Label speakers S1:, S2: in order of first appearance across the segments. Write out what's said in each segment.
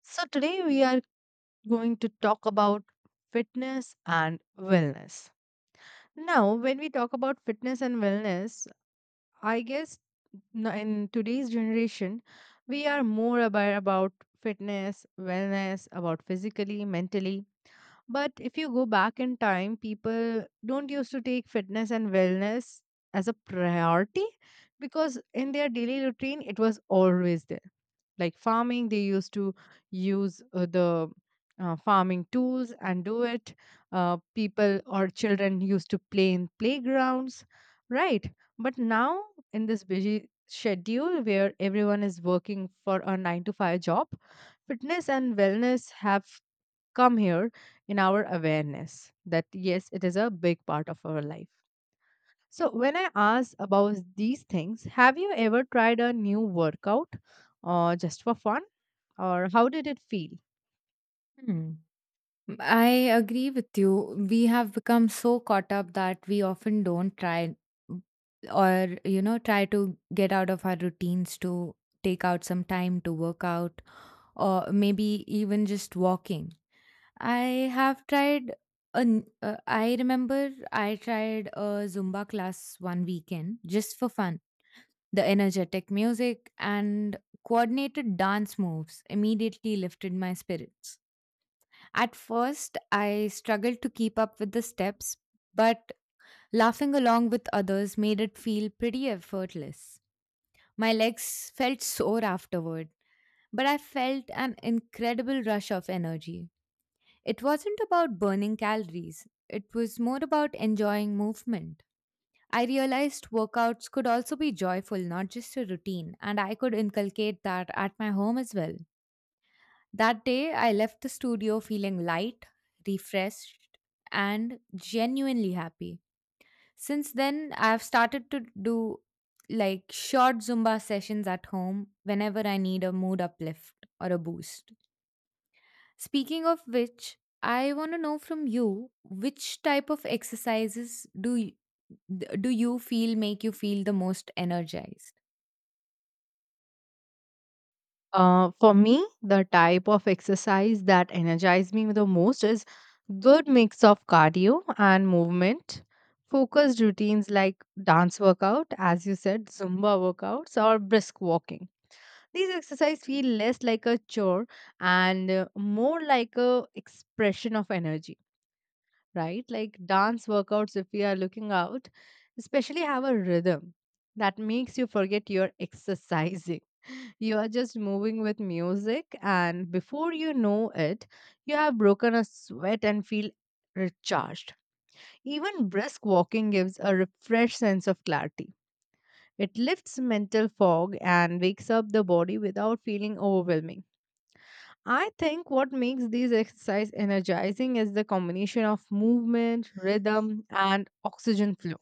S1: So, today we are going to talk about fitness and wellness. Now, when we talk about fitness and wellness, I guess in today's generation, we are more aware about fitness, wellness, about physically, mentally. But if you go back in time, people don't used to take fitness and wellness as a priority because in their daily routine, it was always there, like farming. They used to use the farming tools and do it. People or children used to play in playgrounds, right? But now, in this busy schedule where everyone is working for a 9 to 5 job, fitness and wellness have come here in our awareness that yes, it is a big part of our life. So, when I ask about these things, have you ever tried a new workout or just for fun? Or how did it feel?
S2: Hmm. I agree with you. We have become so caught up that we often don't try or, try to get out of our routines to take out some time to work out or maybe even just walking. I have tried, I remember I tried a Zumba class one weekend just for fun. The energetic music and coordinated dance moves immediately lifted my spirits. At first, I struggled to keep up with the steps, but laughing along with others made it feel pretty effortless. My legs felt sore afterward, but I felt an incredible rush of energy. It wasn't about burning calories, it was more about enjoying movement. I realized workouts could also be joyful, not just a routine, and I could inculcate that at my home as well. That day, I left the studio feeling light, refreshed, and genuinely happy. Since then, I've started to do like short Zumba sessions at home whenever I need a mood uplift or a boost. Speaking of which, I want to know from you which type of exercises do you feel make you feel the most energized?
S1: For me, the type of exercise that energizes me the most is good mix of cardio and movement, focused routines like dance workout, as you said, Zumba workouts or brisk walking. These exercises feel less like a chore and more like a expression of energy, right? Like dance workouts, if we are looking out, especially have a rhythm that makes you forget you're exercising. You are just moving with music, and before you know it, you have broken a sweat and feel recharged. Even brisk walking gives a refreshed sense of clarity. It lifts mental fog and wakes up the body without feeling overwhelming. I think what makes these exercise energizing is the combination of movement, rhythm, and oxygen flow.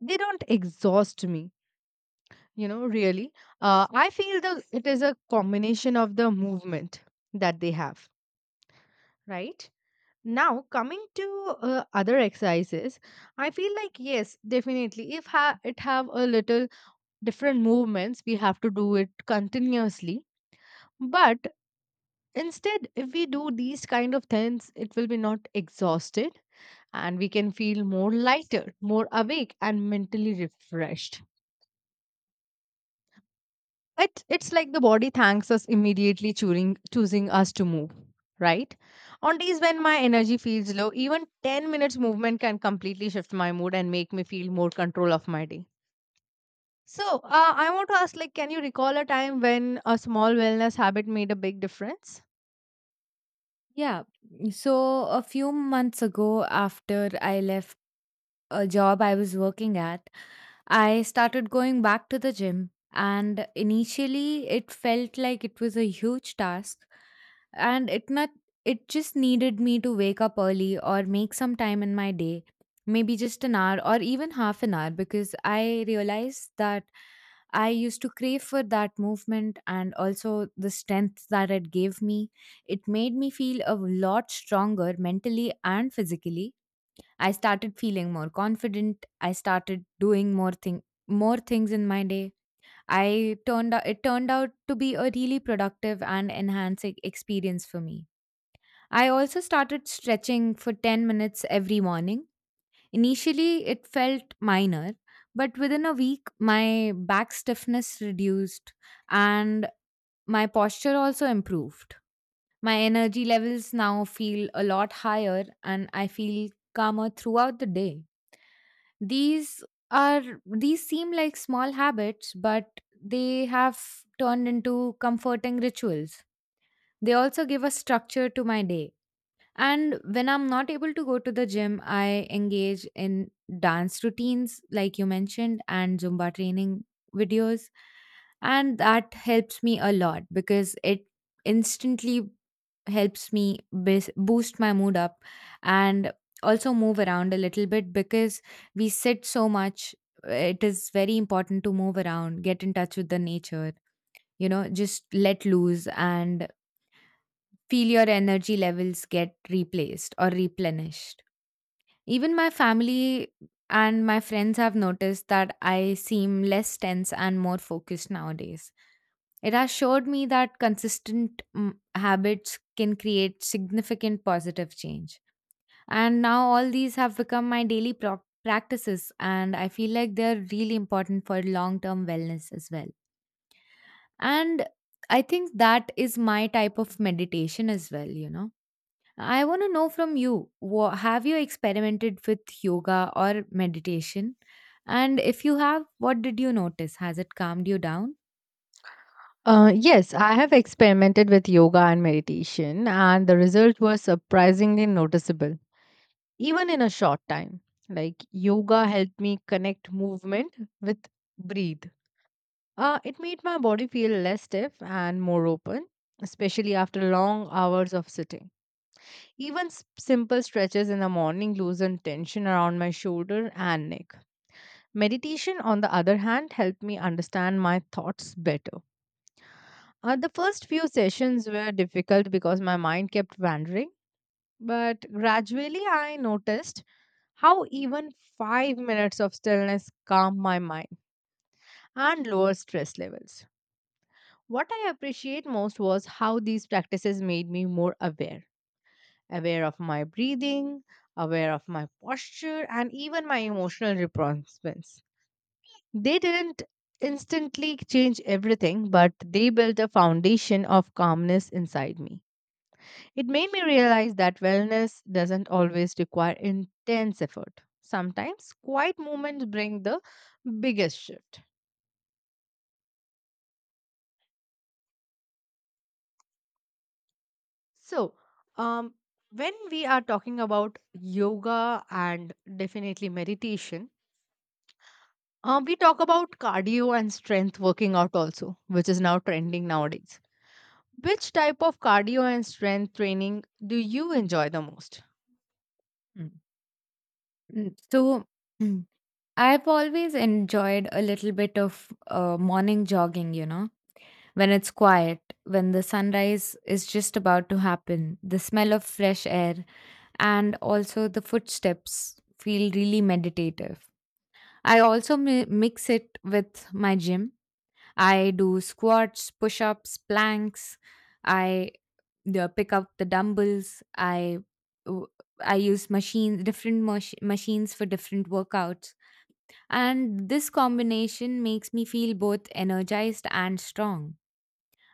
S1: They don't exhaust me, you know, really. I feel the it is a combination of the movement that they have, right? Now coming to other exercises, I feel like yes, definitely, if it have a little different movements, we have to do it continuously. But instead if we do these kind of things, it will be not exhausted, and we can feel more lighter, more awake and mentally refreshed. It's like the body thanks us immediately, choosing us to move, right? On days when my energy feels low, even 10 minutes movement can completely shift my mood and make me feel more control of my day. So, I want to ask, like, can you recall a time when a small wellness habit made a big difference?
S2: Yeah. So a few months ago after I left a job I was working at, I started going back to the gym, and initially it felt like it was a huge task, and it not it just needed me to wake up early or make some time in my day, maybe just an hour or even half an hour, because I realized that I used to crave for that movement and also the strength that it gave me. It made me feel a lot stronger mentally and physically. I started feeling more confident. I started doing more things in my day. It turned out to be a really productive and enhancing experience for me. I also started stretching for 10 minutes every morning. Initially, it felt minor, but within a week, my back stiffness reduced and my posture also improved. My energy levels now feel a lot higher and I feel calmer throughout the day. These are these seem like small habits but they have turned into comforting rituals. They also give a structure to my day. And when I'm not able to go to the gym, I engage in dance routines like you mentioned and Zumba training videos, and that helps me a lot because it instantly helps me boost my mood up and also move around a little bit because we sit so much. It is very important to move around, get in touch with the nature, just let loose and feel your energy levels get replaced or replenished. Even my family and my friends have noticed that I seem less tense and more focused nowadays. It has showed me that consistent habits can create significant positive change. And now all these have become my practices, and I feel like they're really important for long term wellness as well. And I think that is my type of meditation as well, you know. I want to know from you, have you experimented with yoga or meditation? And if you have, what did you notice? Has it calmed you down?
S1: Yes, I have experimented with yoga and meditation, and the result was surprisingly noticeable, even in a short time. Like, yoga helped me connect movement with breathe. It made my body feel less stiff and more open, especially after long hours of sitting. Even simple stretches in the morning loosened tension around my shoulder and neck. Meditation, on the other hand, helped me understand my thoughts better. The first few sessions were difficult because my mind kept wandering, but gradually I noticed how even 5 minutes of stillness calmed my mind and lower stress levels. What I appreciate most was how these practices made me more aware aware of my breathing, aware of my posture, and even my emotional response. They didn't instantly change everything, but they built a foundation of calmness inside me. It made me realize that wellness doesn't always require intense effort. Sometimes quiet moments bring the biggest shift. So, um, when we are talking about yoga and definitely meditation, we talk about cardio and strength working out also, which is now trending nowadays. Which type of cardio and strength training do you enjoy the most?
S2: Mm. So, mm, I've always enjoyed a little bit of morning jogging, you know, when it's quiet, when the sunrise is just about to happen, the smell of fresh air, and also the footsteps feel really meditative. I also mix it with my gym. I do squats, push ups, planks. I pick up the dumbbells. W- I use machines, different machines for different workouts. And this combination makes me feel both energized and strong.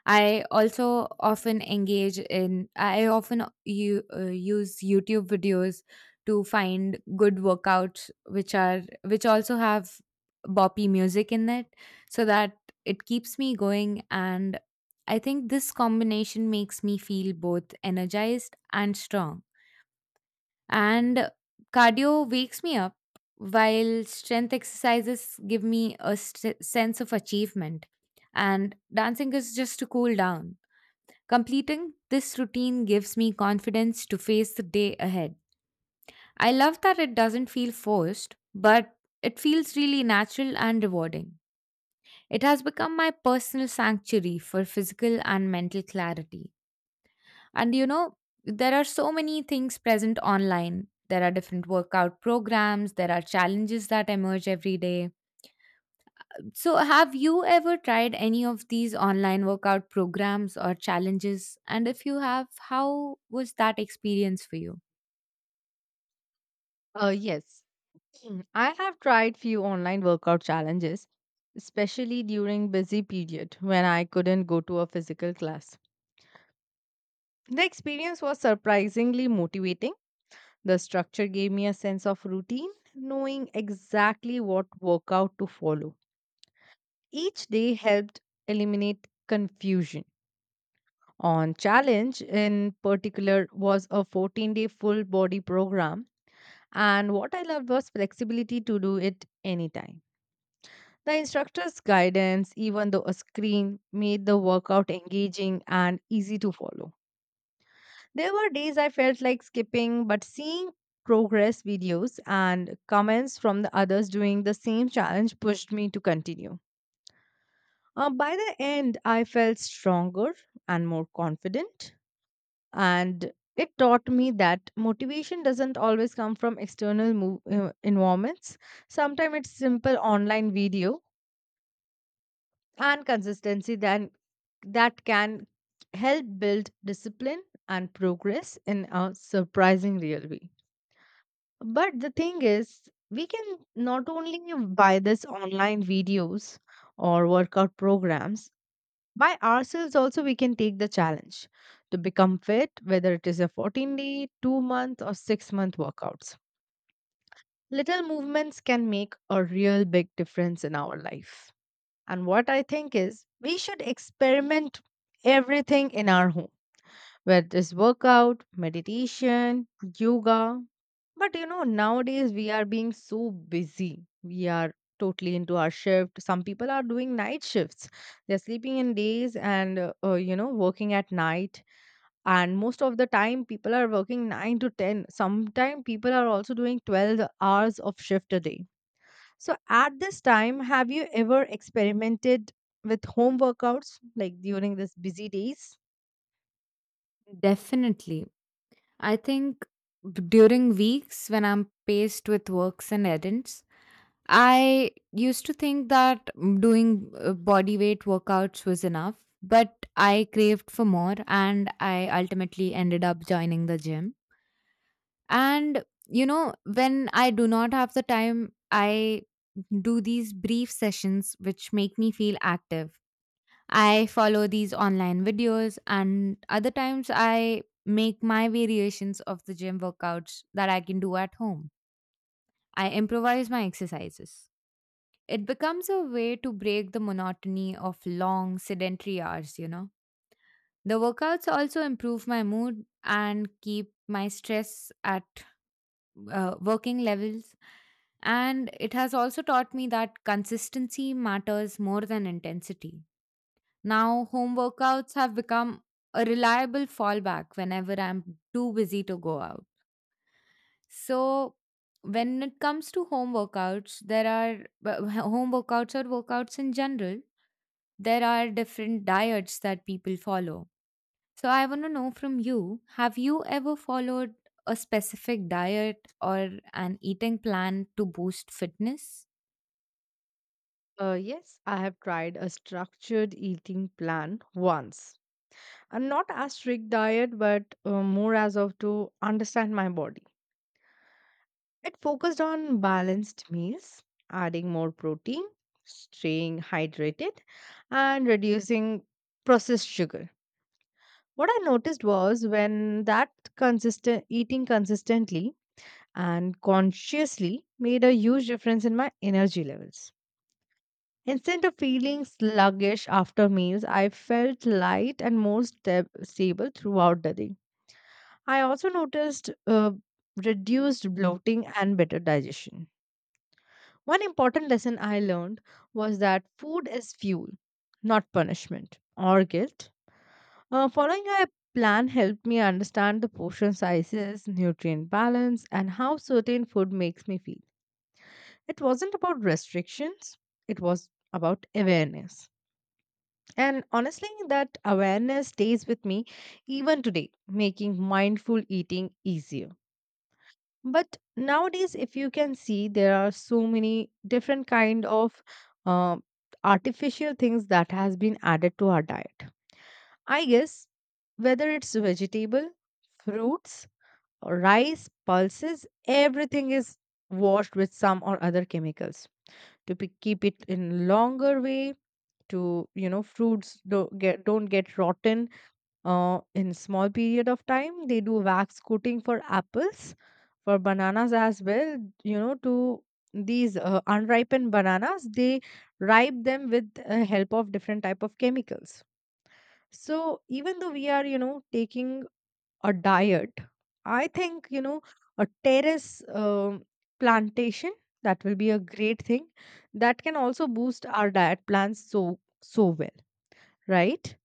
S2: I also often I often use YouTube videos to find good workouts, which also have boppy music in it, so that it keeps me going. And I think this combination makes me feel both energized and strong. And cardio wakes me up, while strength exercises give me a sense of achievement. And dancing is just to cool down. Completing this routine gives me confidence to face the day ahead. I love that it doesn't feel forced, but it feels really natural and rewarding. It has become my personal sanctuary for physical and mental clarity. And you know, there are so many things present online. There are different workout programs, there are challenges that emerge every day. So, have you ever tried any of these online workout programs or challenges? And if you have, how was that experience for you?
S1: Yes, I have tried few online workout challenges, especially during busy period when I couldn't go to a physical class. The experience was surprisingly motivating. The structure gave me a sense of routine, knowing exactly what workout to follow. Each day helped eliminate confusion. On challenge, in particular, was a 14-day full body program, and what I loved was flexibility to do it anytime. The instructor's guidance, even though a screen, made the workout engaging and easy to follow. There were days I felt like skipping, but seeing progress videos and comments from the others doing the same challenge pushed me to continue. By the end, I felt stronger and more confident, and it taught me that motivation doesn't always come from external environments. Sometimes it's simple online video and consistency that, that can help build discipline and progress in a surprising real way. But the thing is, we can not only buy this online videos or workout programs, by ourselves also we can take the challenge to become fit, whether it is a 14 day, 2 month, or 6-month workouts. Little movements can make a real big difference in our life. And what I think is, we should experiment everything in our home where there's workout, meditation, yoga. But you know, nowadays we are being so busy. We are totally into our shift. Some people are doing night shifts. They're sleeping in days and, you know, working at night. And most of the time, people are working 9 to 10. Sometimes people are also doing 12 hours of shift a day. So at this time, have you ever experimented with home workouts like during this busy days?
S2: Definitely. I think during weeks when I'm paced with works and errands, I used to think that doing body weight workouts was enough, but I craved for more and I ultimately ended up joining the gym. And, you know, when I do not have the time, I do these brief sessions which make me feel active. I follow these online videos, and other times I make my variations of the gym workouts that I can do at home. I improvise my exercises. It becomes a way to break the monotony of long sedentary hours, you know. The workouts also improve my mood and keep my stress at working levels. And it has also taught me that consistency matters more than intensity. Now, home workouts have become a reliable fallback whenever I'm too busy to go out. So, when it comes to home workouts, there are but home workouts or workouts in general, there are different diets that people follow, so I want to know from you, have you ever followed a specific diet or an eating plan to boost fitness?
S1: Yes, I have tried a structured eating plan once. And not as strict diet, but more as of to understand my body. It focused on balanced meals, adding more protein, staying hydrated, and reducing processed sugar. What I noticed was when that consistent eating consistently and consciously made a huge difference in my energy levels. Instead of feeling sluggish after meals, I felt light and more stable throughout the day. I also noticed reduced bloating and better digestion. One important lesson I learned was that food is fuel, not punishment or guilt. Following a plan helped me understand the portion sizes, nutrient balance, and how certain food makes me feel. It wasn't about restrictions, it was about awareness. And honestly, that awareness stays with me even today, making mindful eating easier. But nowadays, if you can see, there are so many different kind of uh, artificial things that has been added to our diet. I guess whether it's vegetable, fruits, or rice, pulses, everything is washed with some or other chemicals to keep it in longer way. To, you know, fruits don't get rotten in small period of time, they do wax coating for apples, for bananas as well. You know, to these unripened bananas, they ripe them with help of different type of chemicals. So even though we are, you know, taking a diet, I think, you know, a terrace plantation, that will be a great thing that can also boost our diet plans so well, right?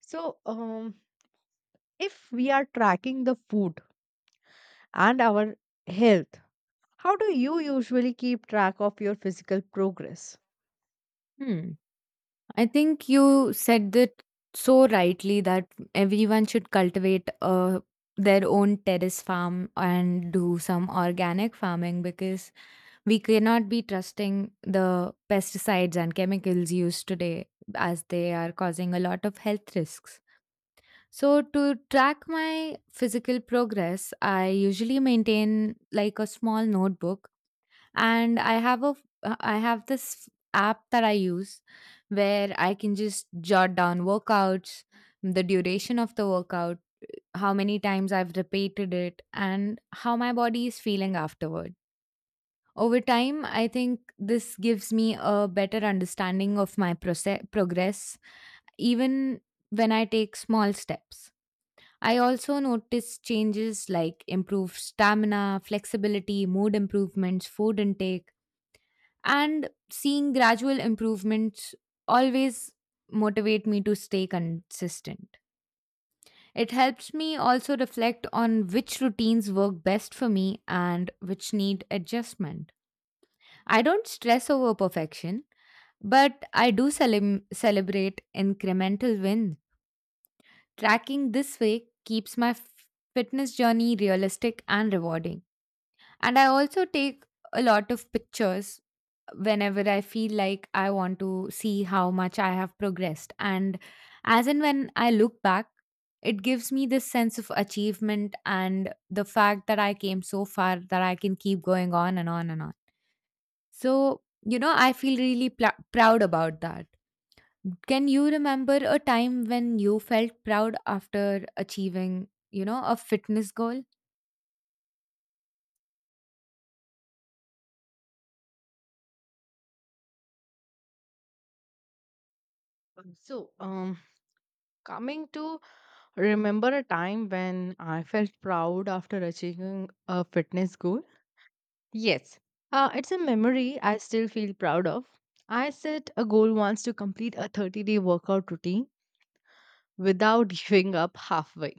S1: So, if we are tracking the food and our health, how do you usually keep track of your physical progress?
S2: Hmm. I think you said that so rightly that everyone should cultivate their own terrace farm and do some organic farming because we cannot be trusting the pesticides and chemicals used today as they are causing a lot of health risks. So, to track my physical progress, I usually maintain like a small notebook and I have this app that I use where I can just jot down workouts, the duration of the workout, how many times I've repeated it and how my body is feeling afterward. Over time, I think this gives me a better understanding of my progress even when I take small steps. I also noticed changes like improved stamina, flexibility, mood improvements, food intake, and seeing gradual improvements always motivate me to stay consistent. It helps me also reflect on which routines work best for me and which need adjustment. I don't stress over perfection, but I do celem celebrate incremental wins. Tracking this way keeps my fitness journey realistic and rewarding. And I also take a lot of pictures whenever I feel like I want to see how much I have progressed. And as and when I look back, it gives me this sense of achievement and the fact that I came so far that I can keep going on and on and on. So, you know, I feel really proud about that. Can you remember a time when you felt proud after achieving, you know, a fitness goal?
S1: So, coming to, remember a time when I felt proud after achieving a fitness goal? Yes, it's a memory I still feel proud of. I set a goal once to complete a 30-day workout routine without giving up halfway.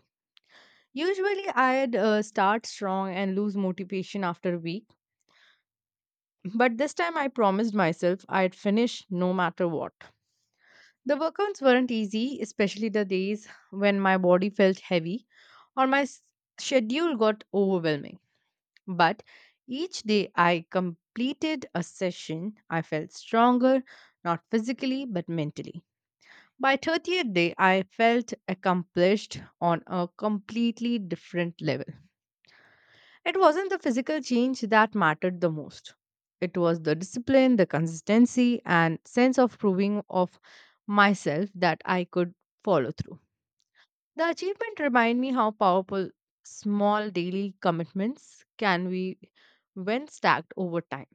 S1: Usually, I'd start strong and lose motivation after a week. But this time I promised myself I'd finish no matter what. The workouts weren't easy, especially the days when my body felt heavy or my schedule got overwhelming. But each day I completed a session, I felt stronger, not physically but mentally. By 30th day I felt accomplished on a completely different level. It wasn't the physical change that mattered the most. It was the discipline, the consistency, and sense of proving of myself that I could follow through. The achievement reminded me how powerful small daily commitments can be when stacked over time.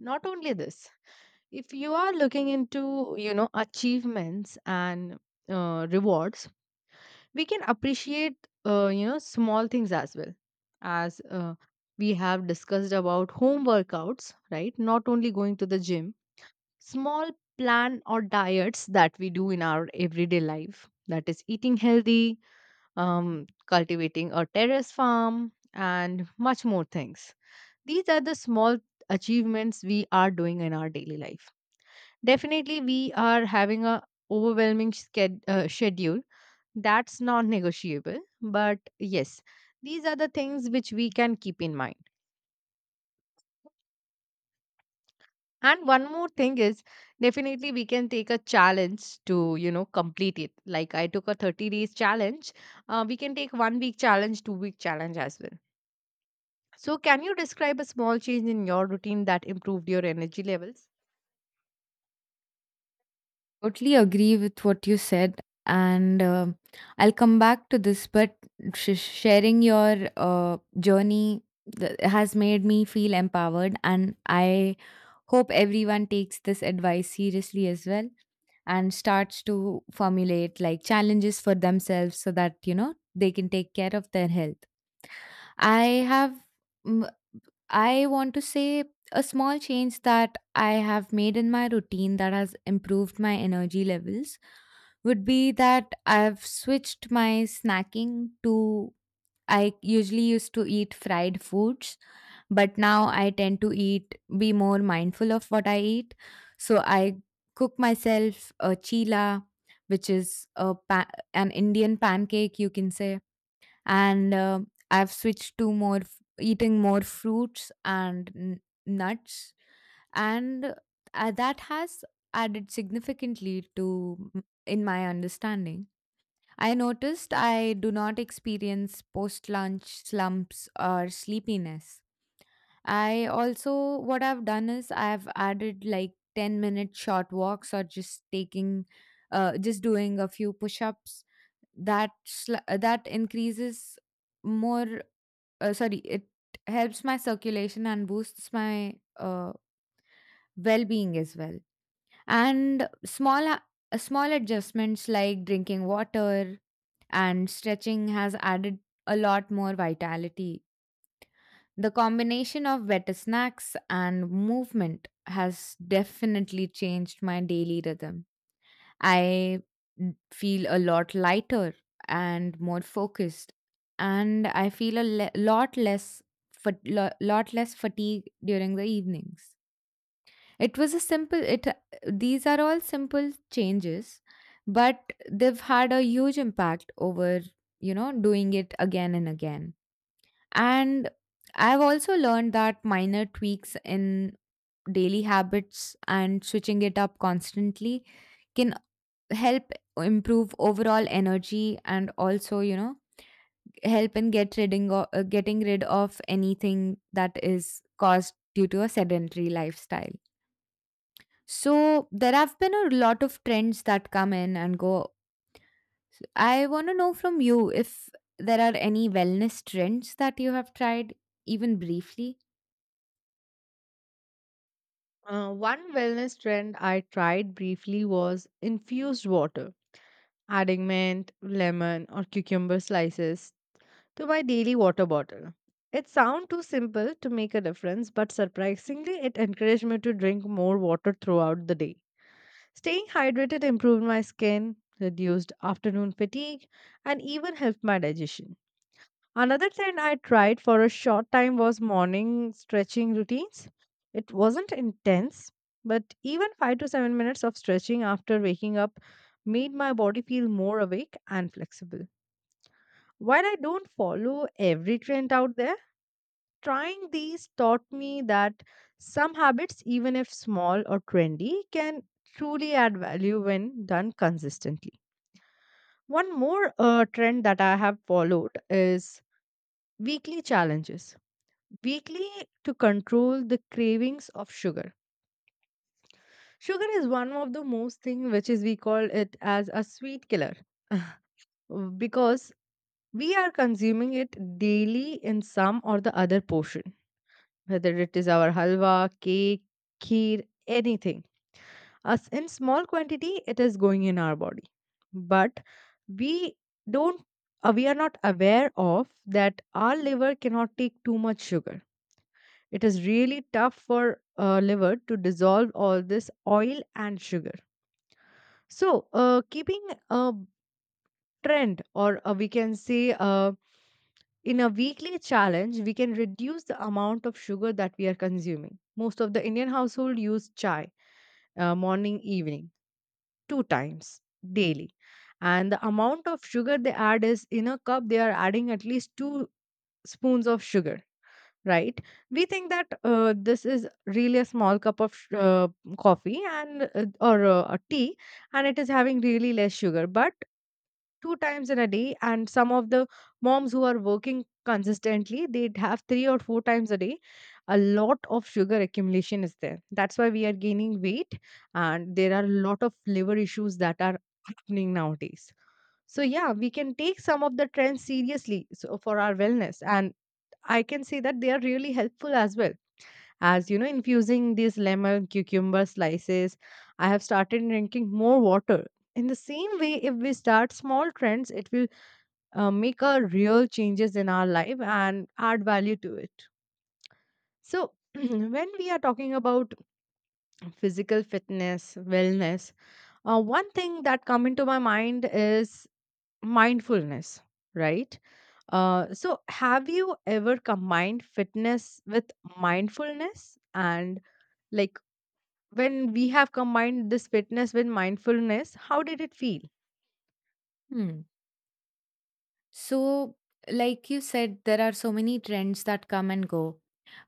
S1: Not only this, if you are looking into, you know, achievements and rewards, we can appreciate, you know, small things as well. As We have discussed about home workouts, right? Not only going to the gym, small plan or diets that we do in our everyday life, that is eating healthy, cultivating a terrace farm and much more things. These are the small achievements we are doing in our daily life. Definitely we are having a overwhelming schedule that's non negotiable. But yes, these are the things which we can keep in mind. And one more thing is, definitely we can take a challenge to, you know, complete it. Like I took a 30 days challenge. We can take 1 week challenge, 2 week challenge as well. So, can you describe a small change in your routine that improved your energy levels?
S2: Totally agree with what you said, and I'll come back to this. But sharing your journey has made me feel empowered, and I hope everyone takes this advice seriously as well and starts to formulate like challenges for themselves so that you know they can take care of their health. I have. I want to say a small change that I have made in my routine that has improved my energy levels would be that I've switched my snacking to. I usually used to eat fried foods, but now I tend to eat be more mindful of what I eat. So I cook myself a chila, which is an Indian pancake, you can say, and I've switched to more eating more fruits and nuts, and that has added significantly to in my understanding. I noticed I do not experience post lunch slumps or sleepiness. I also, what I've done is I've added like 10-minute short walks or just just doing a few push ups. That, sl- that increases more, sorry, It helps my circulation and boosts my well being as well. And small adjustments like drinking water and stretching has added a lot more vitality. The combination of better snacks and movement has definitely changed my daily rhythm. I feel a lot lighter and more focused, and I feel a lot less lot less fatigue during the evenings. It was a simple it These are all simple changes, but they've had a huge impact over, you know, doing it again and again. And I've also learned that minor tweaks in daily habits and switching it up constantly can help improve overall energy and also, you know, help in getting rid of anything that is caused due to a sedentary lifestyle. So there have been a lot of trends that come in and go. I want to know from you if there are any wellness trends that you have tried, even briefly.
S1: One wellness trend I tried briefly was infused water, adding mint, lemon, or cucumber slices to my daily water bottle. It sounds too simple to make a difference, but surprisingly, it encouraged me to drink more water throughout the day. Staying hydrated improved my skin, reduced afternoon fatigue, and even helped my digestion. Another trend I tried for a short time was morning stretching routines. It wasn't intense, but even 5 to 7 minutes of stretching after waking up made my body feel more awake and flexible. While I don't follow every trend out there, trying these taught me that some habits, even if small or trendy, can truly add value when done consistently. One more trend that I have followed is weekly challenges. Weekly, to control the cravings of sugar. Sugar is one of the most thing which is we call it as a sweet killer because we are consuming it daily in some or the other portion, whether it is our halwa, cake, kheer, anything. As in small quantity, it is going in our body. But we don't, we are not aware of that our liver cannot take too much sugar. It is really tough for liver to dissolve all this oil and sugar. So, keeping a trend, or we can say, in a weekly challenge we can reduce the amount of sugar that we are consuming. Most of the Indian household use chai morning evening, two times daily, and the amount of sugar they add is, in a cup they are adding at least two spoons of sugar, right? We think that this is really a small cup of coffee, and or a tea, and it is having really less sugar. But two times in a day, and some of the moms who are working consistently, they'd have three or four times a day. A lot of sugar accumulation is there, that's why we are gaining weight. And there are a lot of liver issues that are happening nowadays. So yeah, we can take some of the trends seriously, so for our wellness, and I can see that they are really helpful as well. As you know, infusing these lemon cucumber slices, I have started drinking more water. In the same way, if we start small trends, it will make a real changes in our life and add value to it. So, when we are talking about physical fitness, wellness, one thing that come into my mind is mindfulness, right? So, have you ever combined fitness with mindfulness? And, like, when we have combined this fitness with mindfulness, how did it feel?
S2: Hmm. So, like you said, there are so many trends that come and go,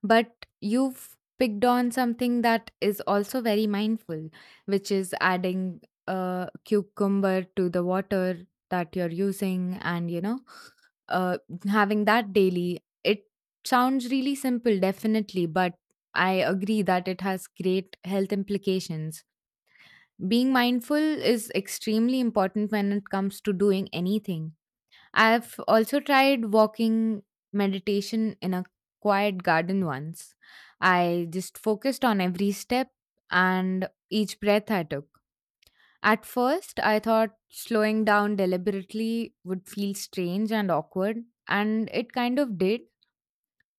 S2: but you've picked on something that is also very mindful, which is adding a cucumber to the water that you're using and, uh, having that daily. It sounds really simple, definitely, but I agree that it has great health implications. Being mindful is extremely important when it comes to doing anything. I've also tried walking meditation in a quiet garden once. I just focused on every step and each breath I took. At first, I thought slowing down deliberately would feel strange and awkward, and it kind of did.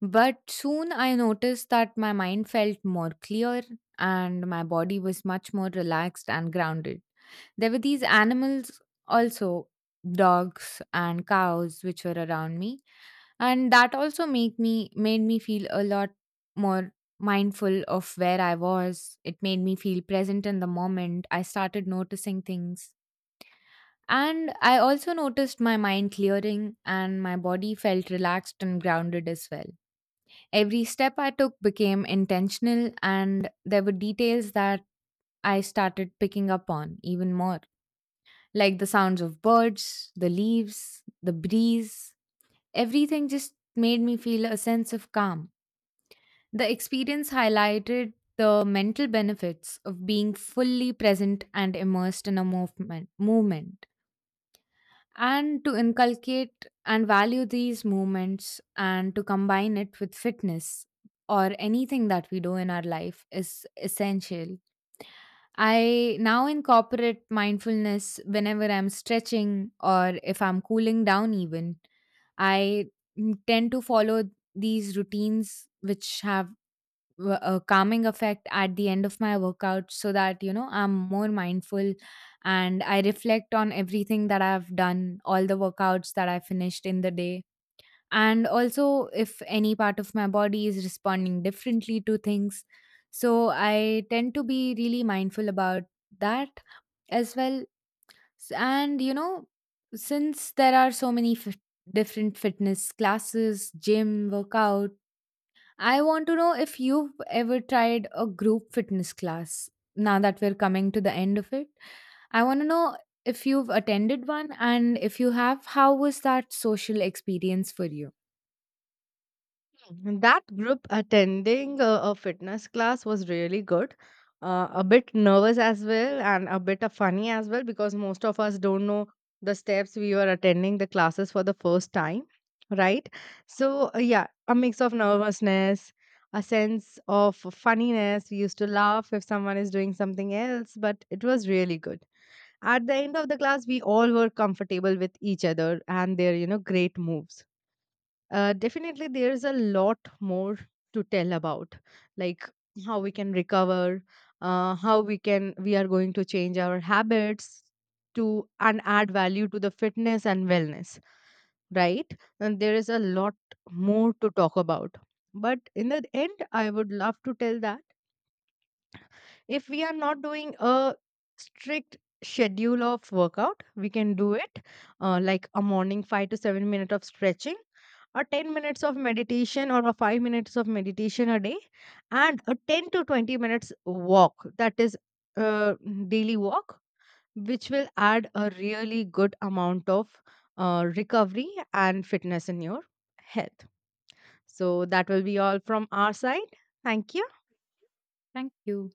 S2: But soon I noticed that my mind felt more clear and my body was much more relaxed and grounded. There were these animals also, dogs and cows, which were around me, and that also make me made me feel a lot more mindful of where I was. It made me feel present in the moment. I started noticing things, and I also noticed my mind clearing and my body felt relaxed and grounded as well. Every step I took became intentional, and there were details that I started picking up on even more, like the sounds of birds, the leaves, the breeze. Everything just made me feel a sense of calm. The experience highlighted the mental benefits of being fully present and immersed in movement, and to inculcate and value these movements and to combine it with fitness or anything that we do in our life is essential. I now incorporate mindfulness whenever I'm stretching or if I'm cooling down, even. I tend to follow these routines which have a calming effect at the end of my workout so that you know I'm more mindful, and I reflect on everything that I've done, all the workouts that I finished in the day, and also if any part of my body is responding differently to things. So I tend to be really mindful about that as well. And you know, since there are so many fit different fitness classes, gym workouts, I want to know if you've ever tried a group fitness class. Now that we're coming to the end of it, I want to know if you've attended one, and if you have, how was that social experience for you?
S1: That group attending a fitness class was really good. A bit nervous as well, and a bit of funny as well, because most of us don't know the steps. We were attending the classes for the first time, right? So, yeah, a mix of nervousness, a sense of funniness. We used to laugh if someone is doing something else, but it was really good. At the end of the class, we all were comfortable with each other and their, you know, great moves. Definitely, there's a lot more to tell about, like how we can recover, how we are going to change our habits to, and add value to the fitness and wellness, right? And there is a lot more to talk about. But in the end, I would love to tell that if we are not doing a strict schedule of workout, we can do it like a morning 5 to 7 minute of stretching, a 10 minutes of meditation or a 5 minutes of meditation a day, and a 10 to 20 minutes walk, that is uh, daily walk, which will add a really good amount of recovery and fitness in your health. So that will be all from our side. Thank you.
S2: Thank you.